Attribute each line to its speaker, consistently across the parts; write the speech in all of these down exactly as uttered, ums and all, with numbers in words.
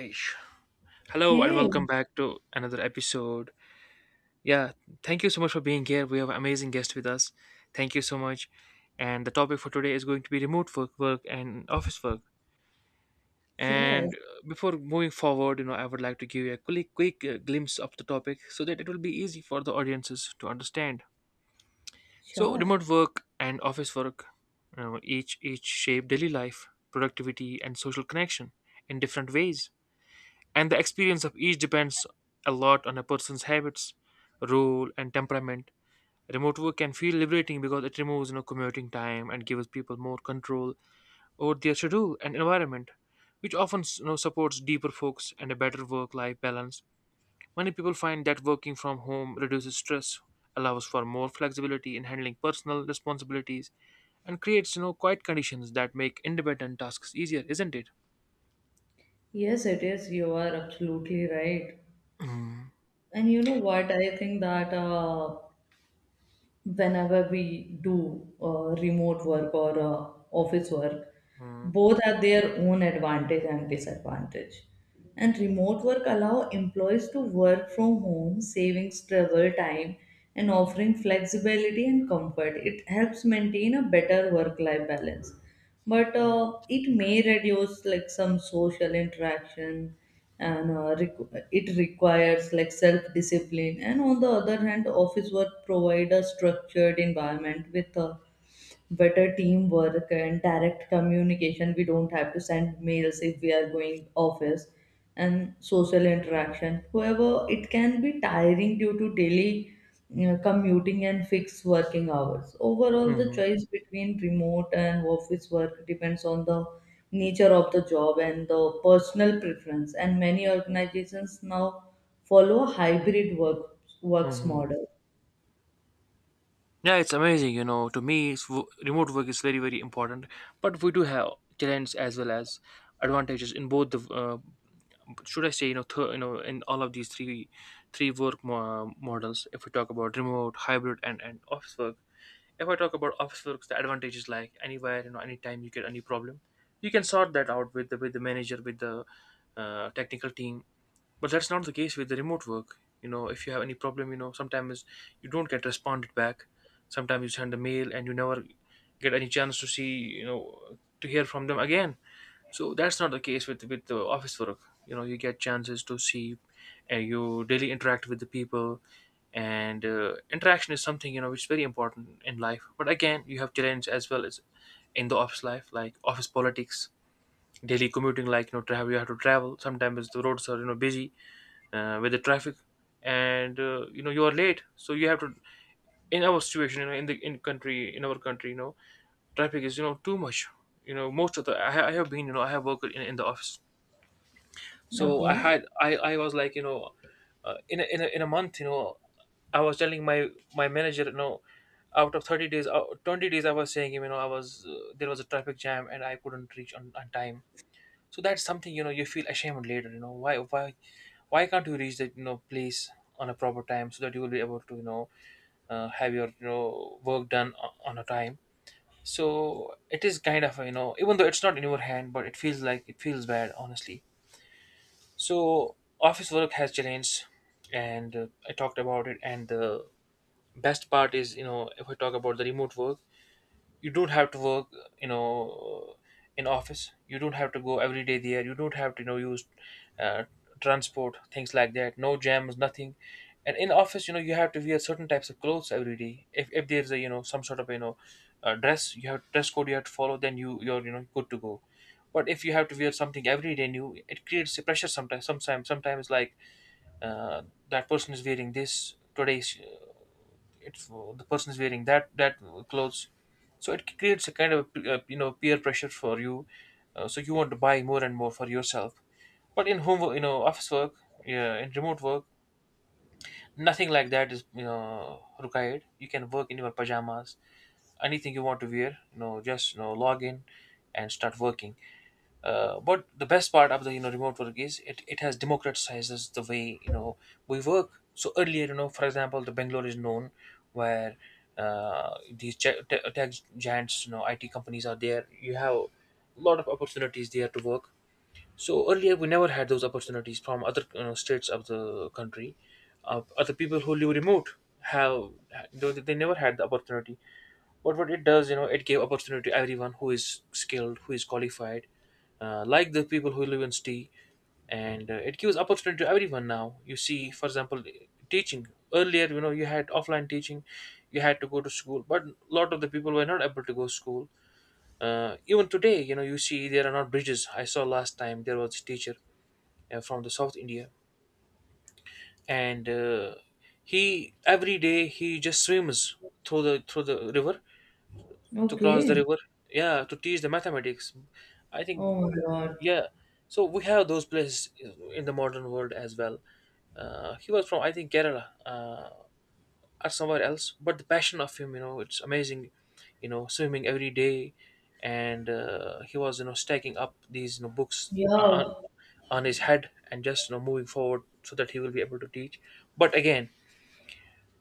Speaker 1: Aish. Hello and
Speaker 2: Hey,
Speaker 1: welcome back to another episode. Yeah, thank you so much for being here. We have an amazing guest with us. Thank you so much. And the topic for today is going to be remote work, work and office work.
Speaker 2: yes,
Speaker 1: And uh, Before moving forward, you know, I would like to give you a quick, quick uh, glimpse of the topic so that it will be easy for the audiences to understand. So,
Speaker 2: sure.
Speaker 1: remote work and office work, you know, each each shape daily life, productivity, and social connection in different ways, and the experience of each depends a lot on a person's habits, role, and temperament. Remote work can feel liberating because it removes, you know, commuting time and gives people more control over their schedule and environment, which often, you know, supports deeper focus and a better work-life balance. Many people find that working from home reduces stress, allows for more flexibility in handling personal responsibilities, and creates, you know, quiet conditions that make independent tasks easier, isn't it?
Speaker 2: Yes, it is. You are absolutely right. And you know what? I think that uh, whenever we do uh, remote work or uh, office work,
Speaker 1: Mm-hmm.
Speaker 2: both have their own advantage and disadvantage. And remote work allow employees to work from home, saving travel time and offering flexibility and comfort. It helps maintain a better work-life balance but uh, it may reduce like some social interaction and uh, requ- it requires like self discipline. And on the other hand, office work provide a structured environment with uh, better teamwork and direct communication. We don't have to send mails if we are going office, and social interaction. However, it can be tiring due to daily, you know, commuting and fixed working hours. Overall, the choice between remote and office work depends on the nature of the job and the personal preference, and many organizations now follow a hybrid work works model.
Speaker 1: Yeah, it's amazing. You know, to me, it's, wo- remote work is very, very important. But we do have challenges as well as advantages in both the. Uh, should I say, you know, th- you know, in all of these three, three work mo- models. If we talk about remote, hybrid, and and office work. If I talk about office works, the advantage is like, anywhere, you know, anytime you get any problem, you can sort that out with the with the manager, with the uh, technical team, but that's not the case with the remote work. You know, if you have any problem, you know, sometimes you don't get responded back. Sometimes you send a mail and you never get any chance to see, you know, to hear from them again. So that's not the case with with the office work. You know, you get chances to see, and you daily interact with the people, and uh, interaction is something, you know, which is very important in life. But again, you have challenge as well as in the office life, like office politics, daily commuting, like, you know, travel. You have to travel. Sometimes the roads are, you know, busy uh, with the traffic, and uh, you know, you are late, so you have to, in our situation, you know, in the in country, in our country, you know, traffic is, you know, too much. You know, most of the i, ha- I have been, you know, I have worked in, in the office. So I
Speaker 2: Okay.
Speaker 1: had I I was like, you know, uh, in, a, in a in a month, you know, I was telling my my manager, you know, out of thirty days, out twenty days, I was saying him, you know, I was uh, there was a traffic jam and I couldn't reach on, on time. So that's something, you know, you feel ashamed later. You know, why why why can't you reach the, you know, place on a proper time, so that you will be able to, you know, uh, have your, you know, work done o- on a time. So it is kind of, you know, even though it's not in your hand, but it feels like it feels bad honestly. So office work has changed, and uh, I talked about it. And the best part is, you know, if I talk about the remote work, you don't have to work, you know, in office. You don't have to go every day there. You don't have to, you know, use uh, transport, things like that. No jams, nothing. And in office, you know, you have to wear certain types of clothes every day. If, if there's a, you know, some sort of, you know, uh, dress, you have dress code you have to follow, then you you're, you know, good to go. But if you have to wear something every day new, it creates a pressure sometimes, sometimes sometimes like uh, that person is wearing this today, it's the person is wearing that that clothes. So it creates a kind of, uh, you know, peer pressure for you. Uh, so you want to buy more and more for yourself. But in home wo- you know, office work, yeah, in remote work, nothing like that is, you know, required. You can work in your pajamas, anything you want to wear. You know, just, you know, log in and start working. Uh, but the best part of the, you know, remote work is it, it has democratizes the way, you know, we work. So earlier, you know, for example, the Bangalore is known where, uh, these ge- te- tech giants, you know, I T companies are there. You have a lot of opportunities there to work. So earlier, we never had those opportunities from other, you know, states of the country. Uh, other people who live remote have, they, they never had the opportunity. But what it does, you know, it gave opportunity to everyone who is skilled, who is qualified, uh, like the people who live in city. And uh, it gives opportunity to everyone now. You see, for example, teaching earlier, you know, you had offline teaching, you had to go to school, but a lot of the people were not able to go to school. Uh, even today, you know, you see there are not bridges. I saw last time there was a teacher uh, from the South India, and uh, he, every day, he just swims through the through the river to cross the
Speaker 2: Okay.
Speaker 1: river, yeah, to teach the mathematics, I think.
Speaker 2: Oh my god.
Speaker 1: Yeah. So we have those places in the modern world as well. Uh, he was from, I think, Kerala, uh, or somewhere else, but the passion of him, you know, it's amazing. You know, swimming every day. And uh, he was, you know, stacking up these, you know, books on, on
Speaker 2: Yeah.
Speaker 1: on his head and just, you know, moving forward, so that he will be able to teach. But again,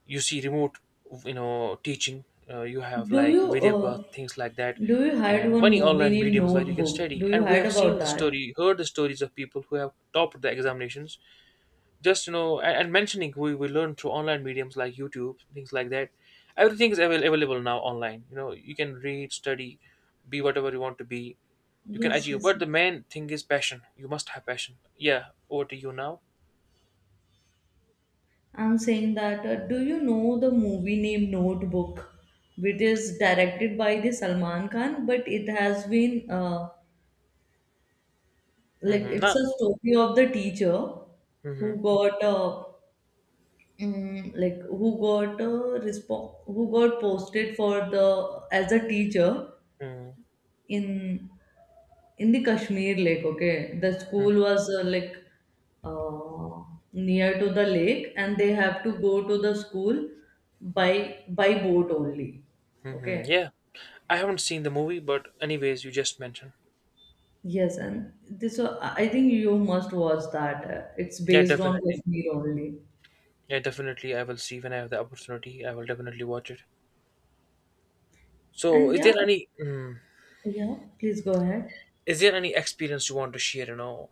Speaker 1: you see, remote, you know, teaching, uh, you have
Speaker 2: Do
Speaker 1: like
Speaker 2: you
Speaker 1: Vidyapath,
Speaker 2: uh,
Speaker 1: things like that,
Speaker 2: do you heard
Speaker 1: and
Speaker 2: one
Speaker 1: many
Speaker 2: movie
Speaker 1: online
Speaker 2: named
Speaker 1: mediums where you can
Speaker 2: Notebook?
Speaker 1: study.
Speaker 2: Do you
Speaker 1: And we
Speaker 2: heard
Speaker 1: have
Speaker 2: about
Speaker 1: seen the
Speaker 2: that?
Speaker 1: story, heard the stories of people who have topped the examinations, just, you know, and, and mentioning, we, we learn through online mediums like YouTube, things like that. Everything is avail- available now online. You know, you can read, study, be whatever you want to be. You can
Speaker 2: Yes,
Speaker 1: achieve,
Speaker 2: yes.
Speaker 1: but the main thing is passion. You must have passion. Yeah, over to you now.
Speaker 2: I'm saying that. Uh, do you know the movie named Notebook, which is directed by the Salman Khan, but it has been uh, like
Speaker 1: Mm-hmm. Nah.
Speaker 2: it's a story of the teacher
Speaker 1: Mm-hmm.
Speaker 2: who got uh, mm, like who got uh, respo- who got posted for the as a teacher
Speaker 1: Mm-hmm.
Speaker 2: in in the Kashmir lake, okay? The school was uh, like uh, near to the lake, and they have to go to the school by by boat only,
Speaker 1: Mm-hmm.
Speaker 2: okay?
Speaker 1: Yeah. I haven't seen the movie, but anyways, you just mentioned.
Speaker 2: Yes, and this uh, I think you must watch that. Uh, It's
Speaker 1: Yeah,
Speaker 2: based on
Speaker 1: definitely.
Speaker 2: Kashmir only,
Speaker 1: Yeah, definitely. I will see when I have the opportunity. I will definitely watch it. So,
Speaker 2: and
Speaker 1: is
Speaker 2: yeah,
Speaker 1: there any mm,
Speaker 2: yeah. Please go ahead.
Speaker 1: is there any experience you want to share? You know,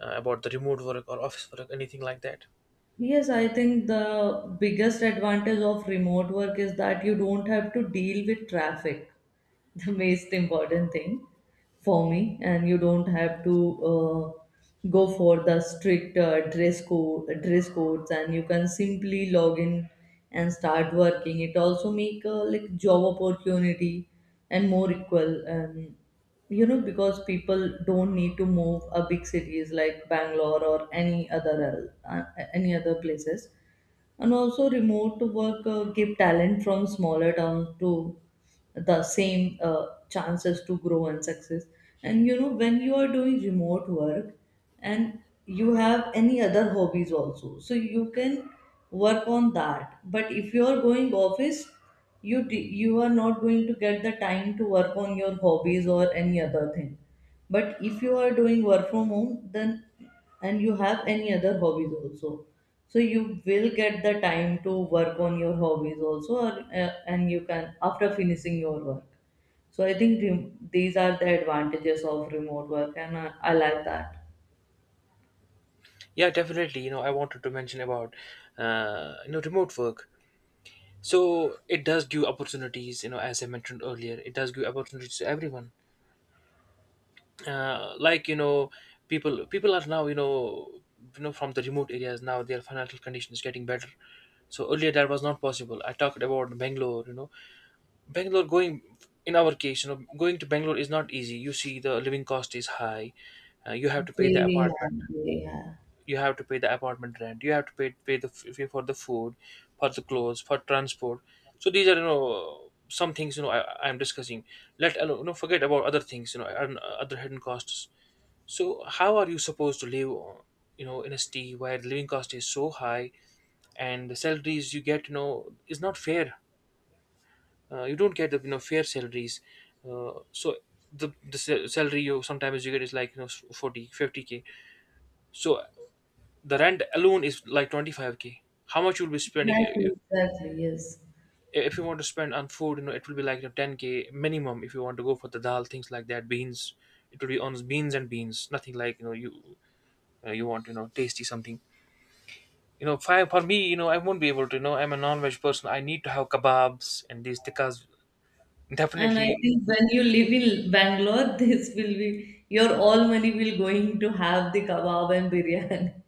Speaker 1: uh, about the remote work or office work, anything like that?
Speaker 2: Yes, I think the biggest advantage of remote work is that you don't have to deal with traffic, the most important thing for me. And you don't have to uh, go for the strict uh, dress code dress codes, and you can simply log in and start working. It also make uh, like job opportunity and more equal, and you know, because people don't need to move a big cities like Bangalore or any other el- uh, any other places. And also, remote work uh, give talent from smaller towns to the same uh, chances to grow and success. And you know, when you are doing remote work and you have any other hobbies also, so you can work on that. But if you are going office, you d- you are not going to get the time to work on your hobbies or any other thing. But if you are doing work from home, then, and you have any other hobbies also, so you will get the time to work on your hobbies also, or, uh, and you can after finishing your work. So I think rem- these are the advantages of remote work, and I, I like that.
Speaker 1: Yeah, definitely. You know, I wanted to mention about uh, you know, remote work. So it does give opportunities. You know, as I mentioned earlier, it does give opportunities to everyone. Uh, like, you know, people people are now, you know, you know, from the remote areas, now their financial condition is getting better. So earlier that was not possible. I talked about Bangalore, you know. Bangalore, going, in our case, you know, going to Bangalore is not easy. You see, the living cost is high. Uh, you have to pay the
Speaker 2: Very
Speaker 1: apartment,
Speaker 2: happy, yeah.
Speaker 1: you have to pay the apartment rent, you have to pay pay the f- pay for the food, for the clothes, for transport. So these are, you know, some things, you know, i i'm discussing. Let alone, you know, forget about other things, you know. And, uh, other hidden costs. So how are you supposed to live, uh, you know, in a city where the living cost is so high, and the salaries you get, you know, is not fair. Uh, you don't get the, you know, fair salaries. Uh, so the the sa- salary you sometimes you get is like, you know, forty fifty k. So the rent alone is like twenty-five k. How much you'll be spending, uh,
Speaker 2: Exactly, exactly, yes.
Speaker 1: if you want to spend on food, you know, it will be like, you know, ten k minimum. If you want to go for the dal, things like that, beans, it will be on beans and beans. Nothing, like, you know, you, uh, you want, you know, tasty something. You know, fi- for me, you know, I won't be able to. You know, I'm a non-veg person. I need to have kebabs and these tikkas.
Speaker 2: And I
Speaker 1: Definitely,
Speaker 2: think when you live in Bangalore, this will be your all money will going to have the kebab and biryani.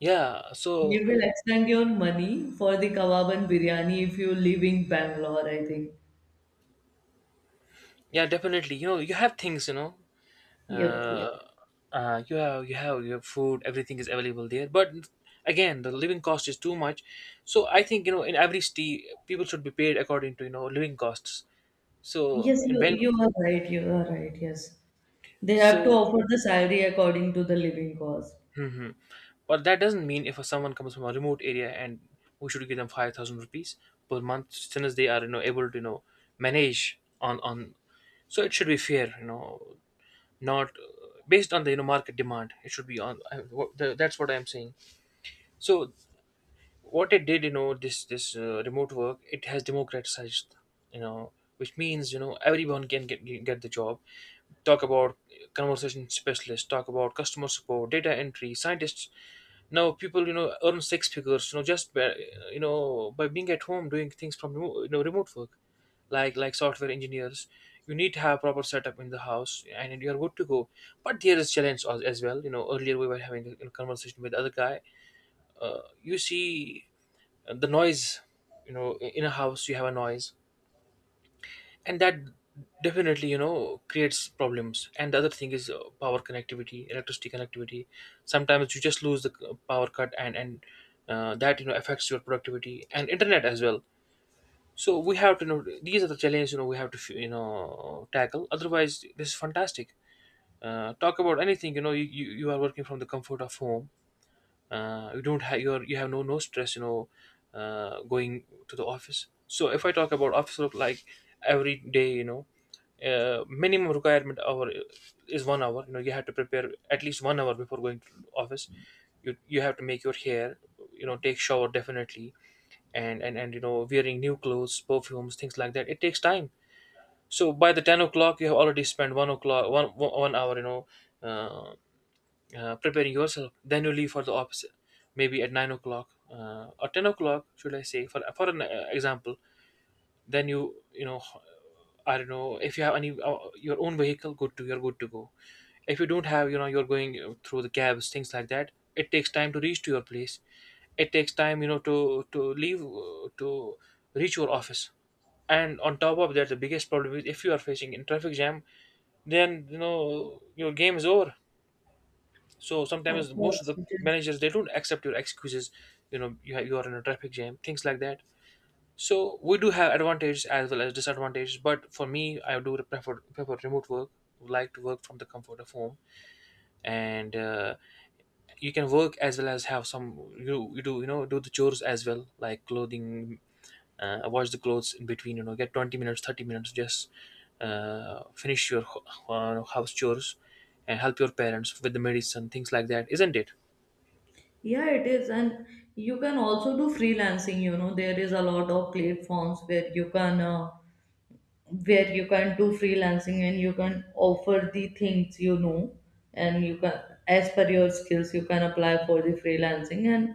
Speaker 1: yeah. So
Speaker 2: You will extend your money for the kebab and biryani if you live in Bangalore, I think.
Speaker 1: yeah, definitely. You know, you have things. You know,
Speaker 2: Yep, yep.
Speaker 1: uh, uh, you have, you have your food. Everything is available there. But again, the living cost is too much. So I think, you know, in every city, people should be paid according to, you know, living costs. So
Speaker 2: Yes,
Speaker 1: in
Speaker 2: you,
Speaker 1: Bangalore,
Speaker 2: you are right. You are right. Yes. They have to
Speaker 1: so.
Speaker 2: offer the salary according to the living cost.
Speaker 1: mhm. But that doesn't mean if someone comes from a remote area and we should give them five thousand rupees per month, since they are you know able to you know manage on on. So it should be fair, you know, not uh, based on the you know market demand. It should be on. I, what, the, that's what I'm saying. So what it did, you know, this this uh, remote work, it has democratized, you know, which means you know everyone can get get the job. Talk about conversation specialists, talk about customer support, data entry, scientists, now people you know earn six figures you know just by, you know, by being at home doing things from remo- you know remote work like like software engineers. You need to have proper setup in the house, and you're good to go. But there is challenge as, as well, you know. Earlier we were having a, a conversation with the other guy. Uh, you see, uh, the noise, you know, in a house you have a noise, and that definitely you know creates problems. And the other thing is uh, power connectivity, electricity connectivity. Sometimes you just lose the c- uh, power cut, and and uh, that you know affects your productivity and internet as well. So we have to know these are the challenges you know we have to you know tackle. Otherwise, this is fantastic. Uh, talk about anything, you know. You, you you are working from the comfort of home. Uh, you don't have your, you have no no stress, you know, uh, going to the office. So if I talk about office work, like every day, you know, uh, minimum requirement hour is one hour, you know. You have to prepare at least one hour before going to office. you you have to make your hair, you know, take shower definitely, and and and you know wearing new clothes, perfumes, things like that. It takes time. So by the ten o'clock you have already spent one o'clock one one hour you know, uh, uh, preparing yourself. Then you leave for the office maybe at nine o'clock, uh, or ten o'clock, should I say, for for an uh, example. Then you you know, I don't know if you have any uh, your own vehicle. Good to, you're good to go. If you don't have, you know, you're going uh, through the cabs, things like that. It takes time to reach to your place. It takes time you know to to leave uh, to reach your office. And on top of that, the biggest problem is if you are facing in traffic jam, then you know your game is over. So
Speaker 2: Of
Speaker 1: sometimes most of
Speaker 2: course,
Speaker 1: the
Speaker 2: it is.
Speaker 1: managers they don't accept your excuses. You know, you have, you are in a traffic jam, things like that. So we do have advantages as well as disadvantages. But for me, I do prefer prefer remote work. Would like to work from the comfort of home, and uh, you can work as well as have some, you you do you know do the chores as well, like clothing. Uh, wash the clothes in between. You know, get twenty minutes, thirty minutes, just uh, finish your ho- uh, house chores and help your parents with the medicine, things like that, isn't it?
Speaker 2: Yeah, it is. And you can also do freelancing, you know, there is a lot of platforms where you can uh, where you can do freelancing, and you can offer the things, you know, and you can as per your skills you can apply for the freelancing. And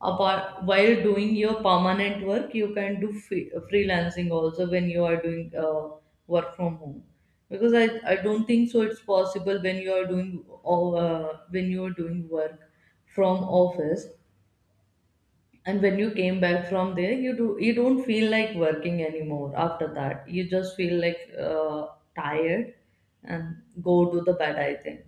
Speaker 2: apart while doing your permanent work, you can do free, freelancing also when you are doing uh, work from home, because I, I don't think so it's possible when you are doing all, uh, when you are doing work from office. And when you came back from there, you do you don't feel like working anymore after that. You just feel like uh, tired and go to the bed, I think.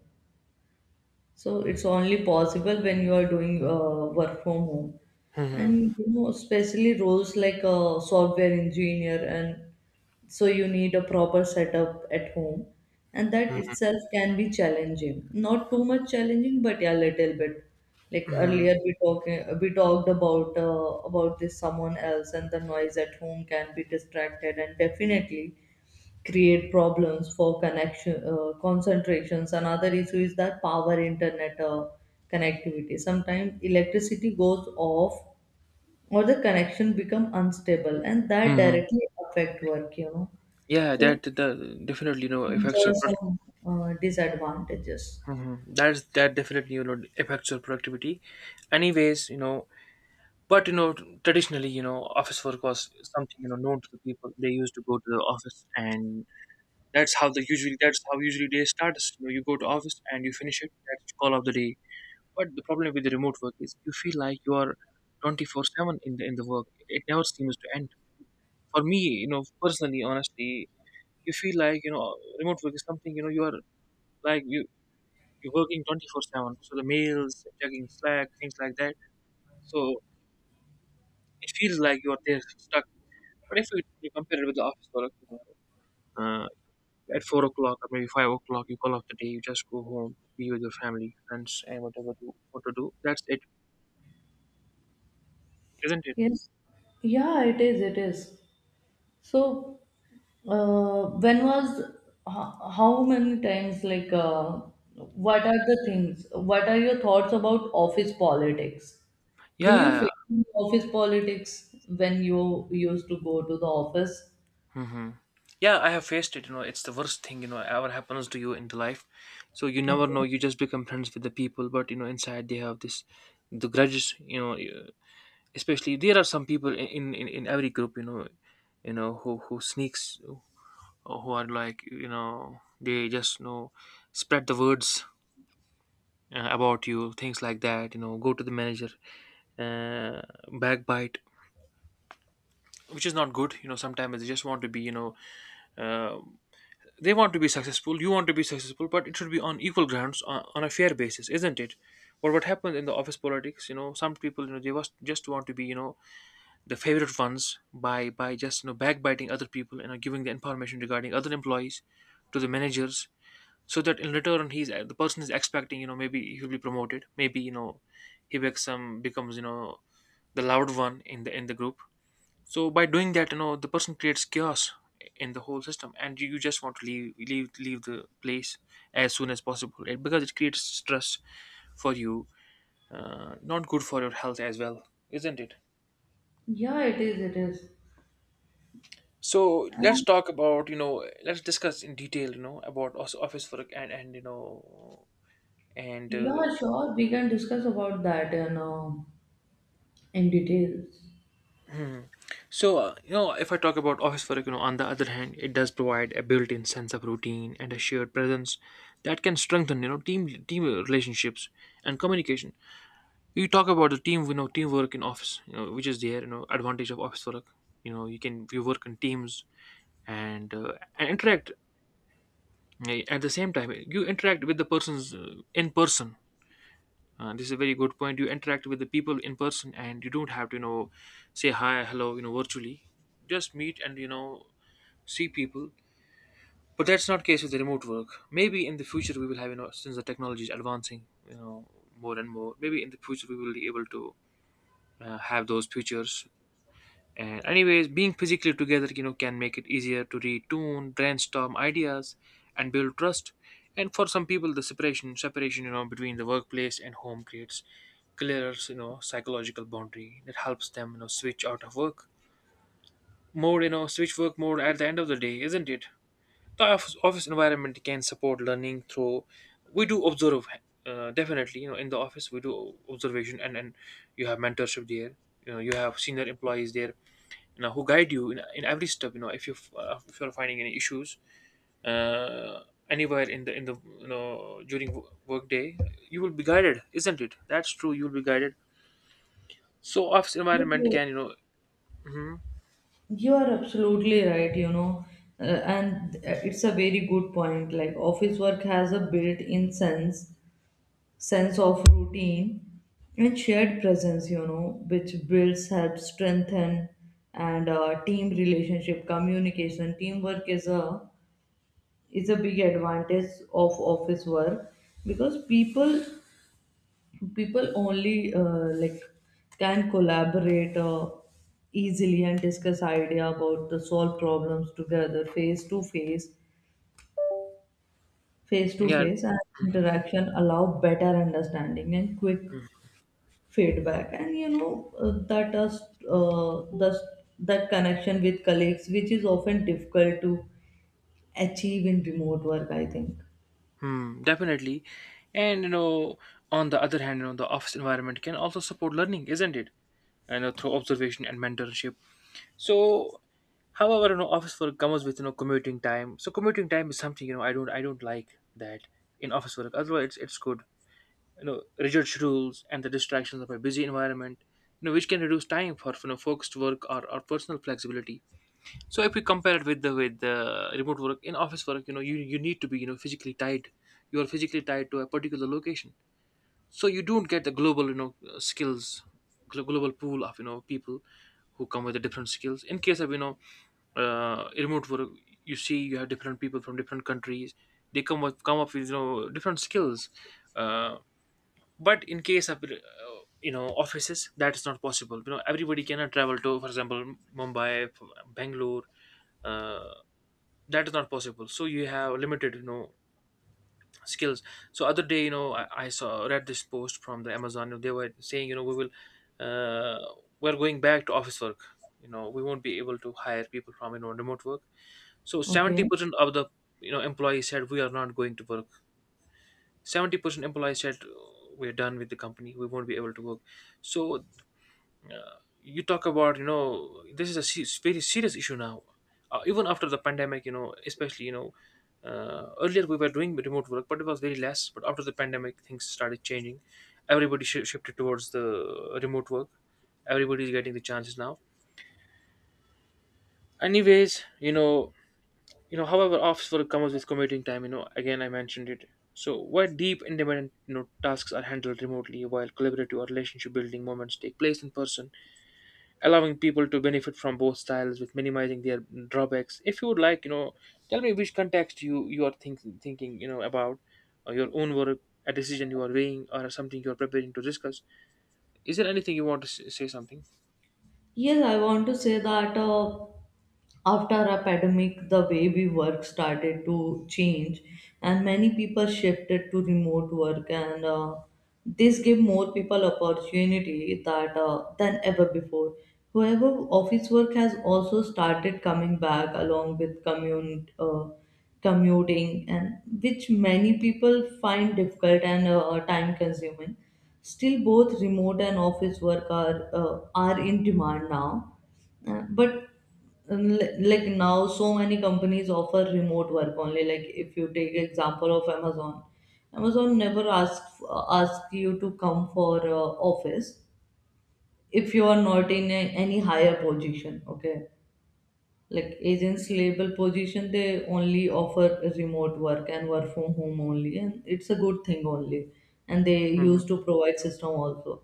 Speaker 2: So it's only possible when you are doing uh, work from home.
Speaker 1: Mhm.
Speaker 2: And you know, especially roles like a software engineer, and so you need a proper setup at home, and that
Speaker 1: Mhm,
Speaker 2: itself can be challenging, not too much challenging, but yeah, little bit. Like
Speaker 1: mhm,
Speaker 2: earlier we talking we talked about uh, about this someone else, and the noise at home can be distracted and definitely create problems for connection, uh, concentrations Another issue is that power internet uh, connectivity. Sometimes electricity goes off or the connection become unstable, and that
Speaker 1: mhm.
Speaker 2: directly affect work, you know.
Speaker 1: Yeah,
Speaker 2: So
Speaker 1: that the definitely you know
Speaker 2: these
Speaker 1: affects your
Speaker 2: are
Speaker 1: pro-
Speaker 2: some uh, disadvantages.
Speaker 1: mhm. That's that definitely you know affects your productivity. Anyways, you know, but you know traditionally you know office work was something you know known to the people. They used to go to the office, and that's how they usually that's how usually day starts. You know, you go to office and you finish it. That's the call of the day. But the problem with the remote work is you feel like you are twenty four seven in the in the work. It never seems to end. For me, you know, personally, honestly, you feel like you know remote work is something you know you are, like you you're working twenty four seven, so the mails, checking slack, things like that. So it feels like you are there stuck. But if you, you compare it with the office work, you know, uh, at four o'clock or maybe five o'clock you call off the day. You just go home, be with your family, friends, and whatever you want to do. That's it, isn't it?
Speaker 2: Yes. Yeah, it is. It is. So, uh, when was ho- how many times like uh, what are the things? What are your thoughts about office politics? Do you
Speaker 1: Yeah.
Speaker 2: face office politics when you used to go to the office?
Speaker 1: Hmm. Yeah, I have faced it. You know, it's the worst thing you know ever happens to you in the life. So you never know.
Speaker 2: Okay.
Speaker 1: You just become friends with the people, but you know inside they have this the grudges. You know, you- Especially there are some people in in, in every group. You know, you know who who sneaks, or who are like you know they just you know spread the words uh, about you, things like that. You know, go to the manager, uh, backbite, which is not good. You know, sometimes they just want to be you know. Uh, they want to be successful, you want to be successful, but it should be on equal grounds, on, on a fair basis, isn't it? But what happens in the office politics, you know, some people, you know, they was just want to be you know the favorite ones by by just you know backbiting other people, you know, giving the information regarding other employees to the managers, so that in return he's uh, the person is expecting, you know, maybe he'll be promoted, maybe you know he becomes some becomes you know the loud one in the in the group. So by doing that, you know, the person creates chaos in the whole system, and you, you just want to leave leave leave the place as soon as possible it, because it creates stress for you, uh, not good for your health as well, isn't it?
Speaker 2: Yeah, it is. It is.
Speaker 1: So let's talk about you know let's discuss in detail you know about os- office work and and you know and uh,
Speaker 2: Yeah, sure. We can discuss about that in uh, in details.
Speaker 1: so, uh, you know, if I talk about office work, you know, on the other hand, it does provide a built-in sense of routine and a shared presence that can strengthen, you know, team team relationships and communication. You talk about the team, you know, teamwork in office, you know, which is there, you know, advantage of office work. You know, you can you work in teams and uh, and interact uh, at the same time. You interact with the persons uh, in person. Uh, this is a very good point. You interact with the people in person, and you don't have to, you know, say hi, hello, you know, virtually. Just meet and you know see people. But that's not the case with the remote work. Maybe in the future we will have, you know, since the technology is advancing, you know, more and more. Maybe in the future we will be able to uh, have those features. And anyways, being physically together, you know, can make it easier to retune, brainstorm ideas, and build trust. And for some people, the separation, separation, you know, between the workplace and home creates clearer, you know, psychological boundary that helps them, you know, switch out of work mode, you know, switch work mode at the end of the day, isn't it? The office, office environment can support learning through, we do observe, uh, definitely you know in the office we do observation, and and you have mentorship there, you know, you have senior employees there, you know, who guide you in, in every step, you know, if you uh, if you're finding any issues uh, anywhere in the in the you know during wo- work day, you will be guided, isn't it? That's true, you will be guided. So office environment can you know, mhm.
Speaker 2: You are absolutely right, you know, uh, and uh, it's a very good point. Like office work has a built-in sense sense of routine and shared presence, you know, which builds, helps strengthen, and uh, team relationship, communication, teamwork is a is a big advantage of office work, because people people only uh, like can collaborate uh, easily and discuss idea about the solve problems together face to face face to
Speaker 1: Yeah.
Speaker 2: face and interaction allow better understanding and quick feedback. And you know, uh, that does uh, thus that connection with colleagues, which is often difficult to achieve in remote work, I think.
Speaker 1: Hmm, definitely. And you know, on the other hand, you know, the office environment can also support learning, isn't it? You know, through observation and mentorship. So, however, you know, office work comes with you know commuting time. So, commuting time is something you know I don't I don't like that in office work. Otherwise, it's, it's good. You know, rigid schedules and the distractions of a busy environment. You know, which can reduce time for you know focused work, or, or personal flexibility. So if we compare it with the with the remote work in office work, you know, you you need to be you know physically tied. You are physically tied to a particular location, so you don't get the global you know uh, skills, glo- global pool of you know people who come with the different skills. In case of you know uh, remote work, you see you have different people from different countries. They come up come up with you know different skills, uh, but in case of uh, you know offices, that is not possible. You know everybody cannot travel to, for example, Mumbai, Bangalore, uh that is not possible, so you have limited you know skills. So other day, you know i, I saw read this post from the Amazon. You know, they were saying, you know we will, uh, we're going back to office work. You know we won't be able to hire people from you know remote work. So
Speaker 2: Okay.
Speaker 1: seventy percent of the you know employees said, we are not going to work. seventy percent employees said, "Oh, we're done with the company, we won't be able to work." So, uh, you talk about, you know this is a se- very serious issue now. Uh, even after the pandemic, you know especially you know uh, earlier we were doing remote work, but it was very less, but after the pandemic things started changing. Everybody sh- shifted towards the remote work. Everybody is getting the chances now. Anyways, you know you know however, office work comes with commuting time. You know again, I mentioned it. So where deep independent you know tasks are handled remotely, while collaborative or relationship building moments take place in person, allowing people to benefit from both styles with minimizing their drawbacks. If you would like, you know tell me which context you you are think thinking you know about, or your own work, a decision you are weighing, or something you are preparing to discuss. Is there anything you want to s- say something?
Speaker 2: Yes, I want to say that uh, after a pandemic, the way we work started to change, and many people shifted to remote work, and uh, this gave more people opportunity that uh, than ever before. However, office work has also started coming back along with commute, uh, commuting, and which many people find difficult and uh, time consuming. Still, both remote and office work are uh, are in demand now. Uh, but um, li- like now, so many companies offer remote work only. Like if you take example of Amazon, Amazon never asks ask you to come for uh, office if you are not in a, any higher position. Okay, like agents label position, they only offer remote work and work from home only, and it's a good thing only, and they
Speaker 1: Hmm.
Speaker 2: used to provide system also.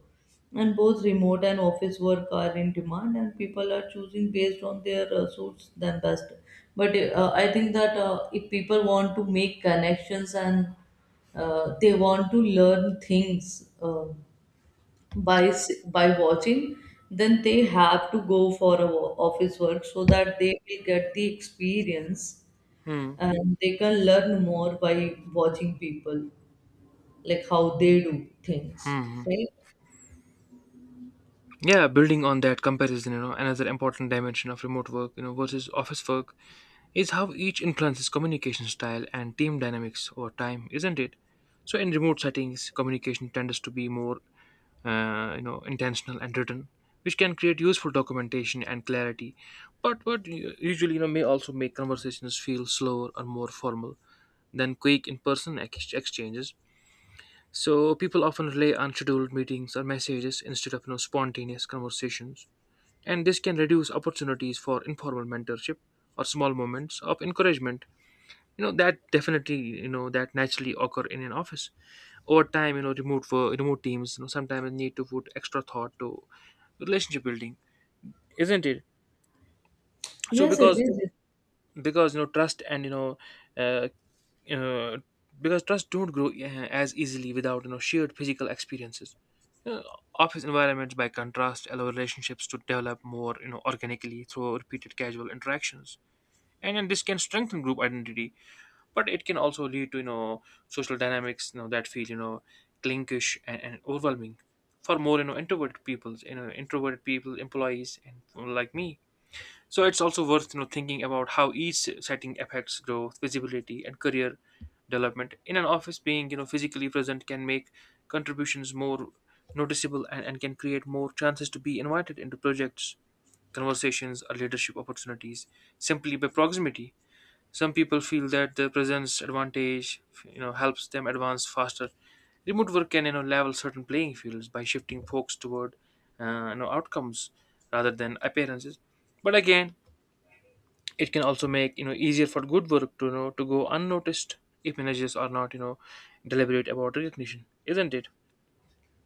Speaker 2: And both remote and office work are in demand, and people are choosing based on their uh, suits than best. But uh, i think that uh, if people want to make connections and uh, they want to learn things uh, by s- by watching, then they have to go for a wo- office work so that they will get the experience,
Speaker 1: Hmm.
Speaker 2: and they can learn more by watching people, like how they do things, right?
Speaker 1: Yeah, building on that comparison, you know, another important dimension of remote work, you know, versus office work, is how each influences communication style and team dynamics over time, isn't it? So, in remote settings, communication tends to be more uh, you know intentional and written, which can create useful documentation and clarity, but what u- usually, you know may also make conversations feel slower or more formal than quick in-person ex- exchanges. So people often rely on scheduled meetings or messages instead of you know spontaneous conversations, and this can reduce opportunities for informal mentorship or small moments of encouragement, you know that definitely, you know that naturally occur in an office. Over time, you know remote for remote teams you know sometimes need to put extra thought to relationship building, isn't it? So
Speaker 2: Yes, it
Speaker 1: because
Speaker 2: is.
Speaker 1: because you know trust and you know uh, uh, because trust don't grow uh, as easily without you know shared physical experiences. You know, office environments by contrast allow relationships to develop more you know organically through repeated casual interactions, and, and this can strengthen group identity, but it can also lead to you know social dynamics you know that feel, you know clinkish and, and overwhelming for more you know introverted people you know introverted people, employees, and people like me. So it's also worth you know thinking about how each setting affects growth, visibility, and career development. In an office, being you know physically present can make contributions more noticeable, and, and can create more chances to be invited into projects, conversations, or leadership opportunities simply by proximity. Some people feel that their presence advantage, you know, helps them advance faster. Remote work can, you know, level certain playing fields by shifting focus toward, uh, you know, outcomes rather than appearances. But again, it can also make you know easier for good work to, you know to go unnoticed if managers are not, you know deliberate about recognition, isn't it?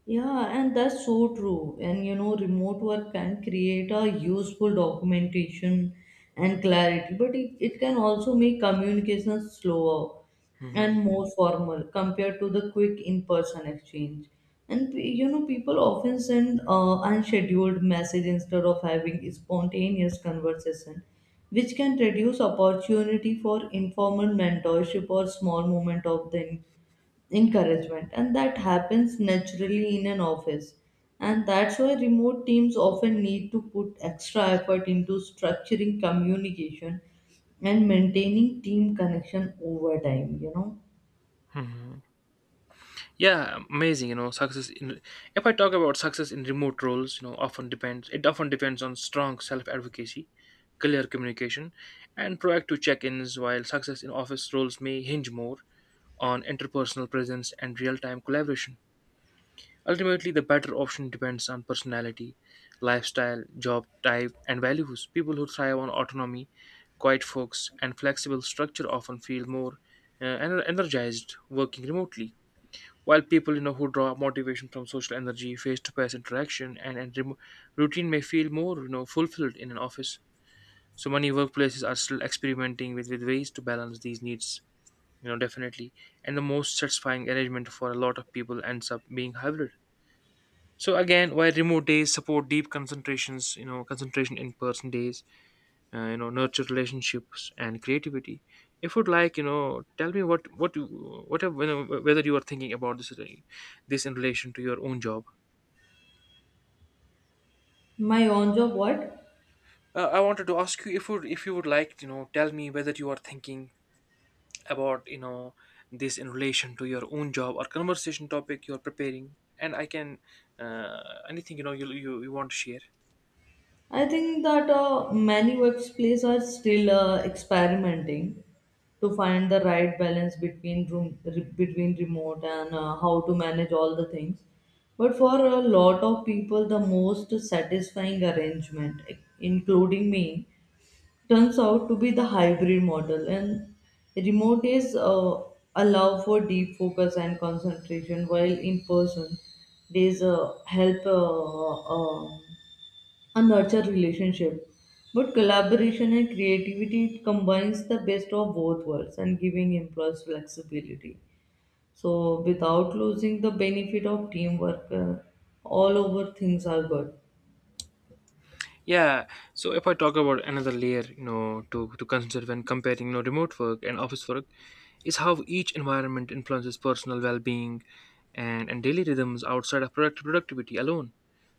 Speaker 2: Yeah, and that's so true. And you know, remote work can create a useful documentation and clarity, but it, it can also make communication slower
Speaker 1: Hmm.
Speaker 2: and more formal compared to the quick in-person exchange. And pe- you know, people often send uh, unscheduled message instead of having spontaneous conversation, which can reduce opportunity for informal mentorship or small moment of the encouragement, and that happens naturally in an office. And that's why remote teams often need to put extra effort into structuring communication and maintaining team connection over time, you know.
Speaker 1: Yeah, amazing. you know success in If I talk about success in remote roles, you know often depends it often depends on strong self advocacy, clear communication, and proactive check-ins, while success in office roles may hinge more on interpersonal presence and real-time collaboration. Ultimately, the better option depends on personality, lifestyle, job type, and values. People who thrive on autonomy, quiet folks, and flexible structure often feel more uh, ener- energized working remotely, while people you know who draw motivation from social energy, face-to-face interaction, and, and remo routine may feel more you know fulfilled in an office. So many workplaces are still experimenting with, with ways to balance these needs. You know, definitely, and the most satisfying arrangement for a lot of people ends up being hybrid. So again, while remote days support deep concentrations, you know concentration, in person days uh, you know nurture relationships and creativity. If you'd like, you know tell me what what you what you know, whether you are thinking about this, uh, this in relation to your own job.
Speaker 2: My on job what?
Speaker 1: uh, I wanted to ask you if you if you would like, you know tell me whether you are thinking about, you know this in relation to your own job or conversation topic you're preparing, and I can, uh, anything you know you, you you want to share.
Speaker 2: I think that uh, many workplaces are still uh, experimenting to find the right balance between room re- between remote and uh, how to manage all the things. But for a lot of people, the most satisfying arrangement, e, including me, turns out to be the hybrid model. And remote is uh, allow for deep focus and concentration, while in person, days uh, help. Uh, uh, a nurture relationship. But collaboration and creativity combines the best of both worlds and giving employees flexibility. So without losing the benefit of teamwork, uh, all over things are good.
Speaker 1: Yeah, so if I talk about another layer, you know, to, to consider when comparing, you know, remote work and office work, is how each environment influences personal well-being and, and daily rhythms outside of product productivity alone.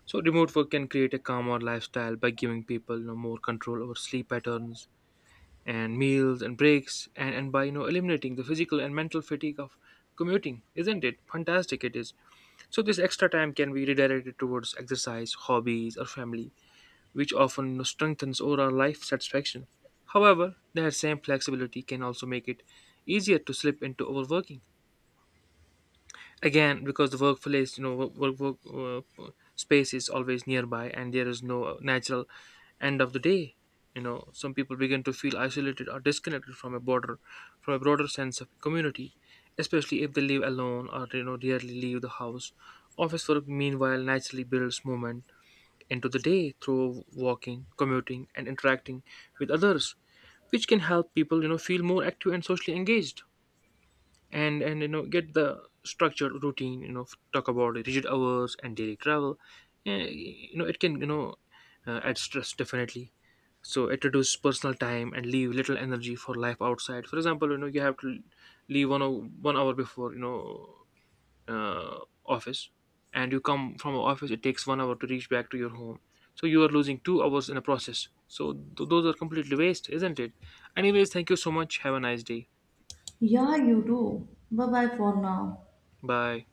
Speaker 1: So remote work can create a calmer lifestyle by giving people, you know, more control over sleep patterns and meals and breaks, and, and by, you know, eliminating the physical and mental fatigue of commuting, isn't it? Fantastic it is. So this extra time can be redirected towards exercise, hobbies, or family, which often strengthens overall life satisfaction. However, that same flexibility can also make it easier to slip into overworking. Again, because the workplace, you know, work, work, work uh, space is always nearby, and there is no natural end of the day. You know, some people begin to feel isolated or disconnected from a border, from a broader sense of community, especially if they live alone or, you know rarely leave the house. Office work, meanwhile, naturally builds movement into the day through walking, commuting, and interacting with others, which can help people, you know, feel more active and socially engaged. And, and you know, get the structured routine. You know, talk about rigid hours and daily travel. Eh, You know, it can, you know uh, add stress, definitely. So it reduces personal time and leave little energy for life outside. For example, you know, you have to leave one hour, one hour before, you know uh, office, and you come from a office, it takes one hour to reach back to your home, so you are losing two hours in a process, so th- those are completely waste, isn't it? Anyways, thank you so much. Have a nice day.
Speaker 2: Yeah, you do. Bye bye for now.
Speaker 1: Bye.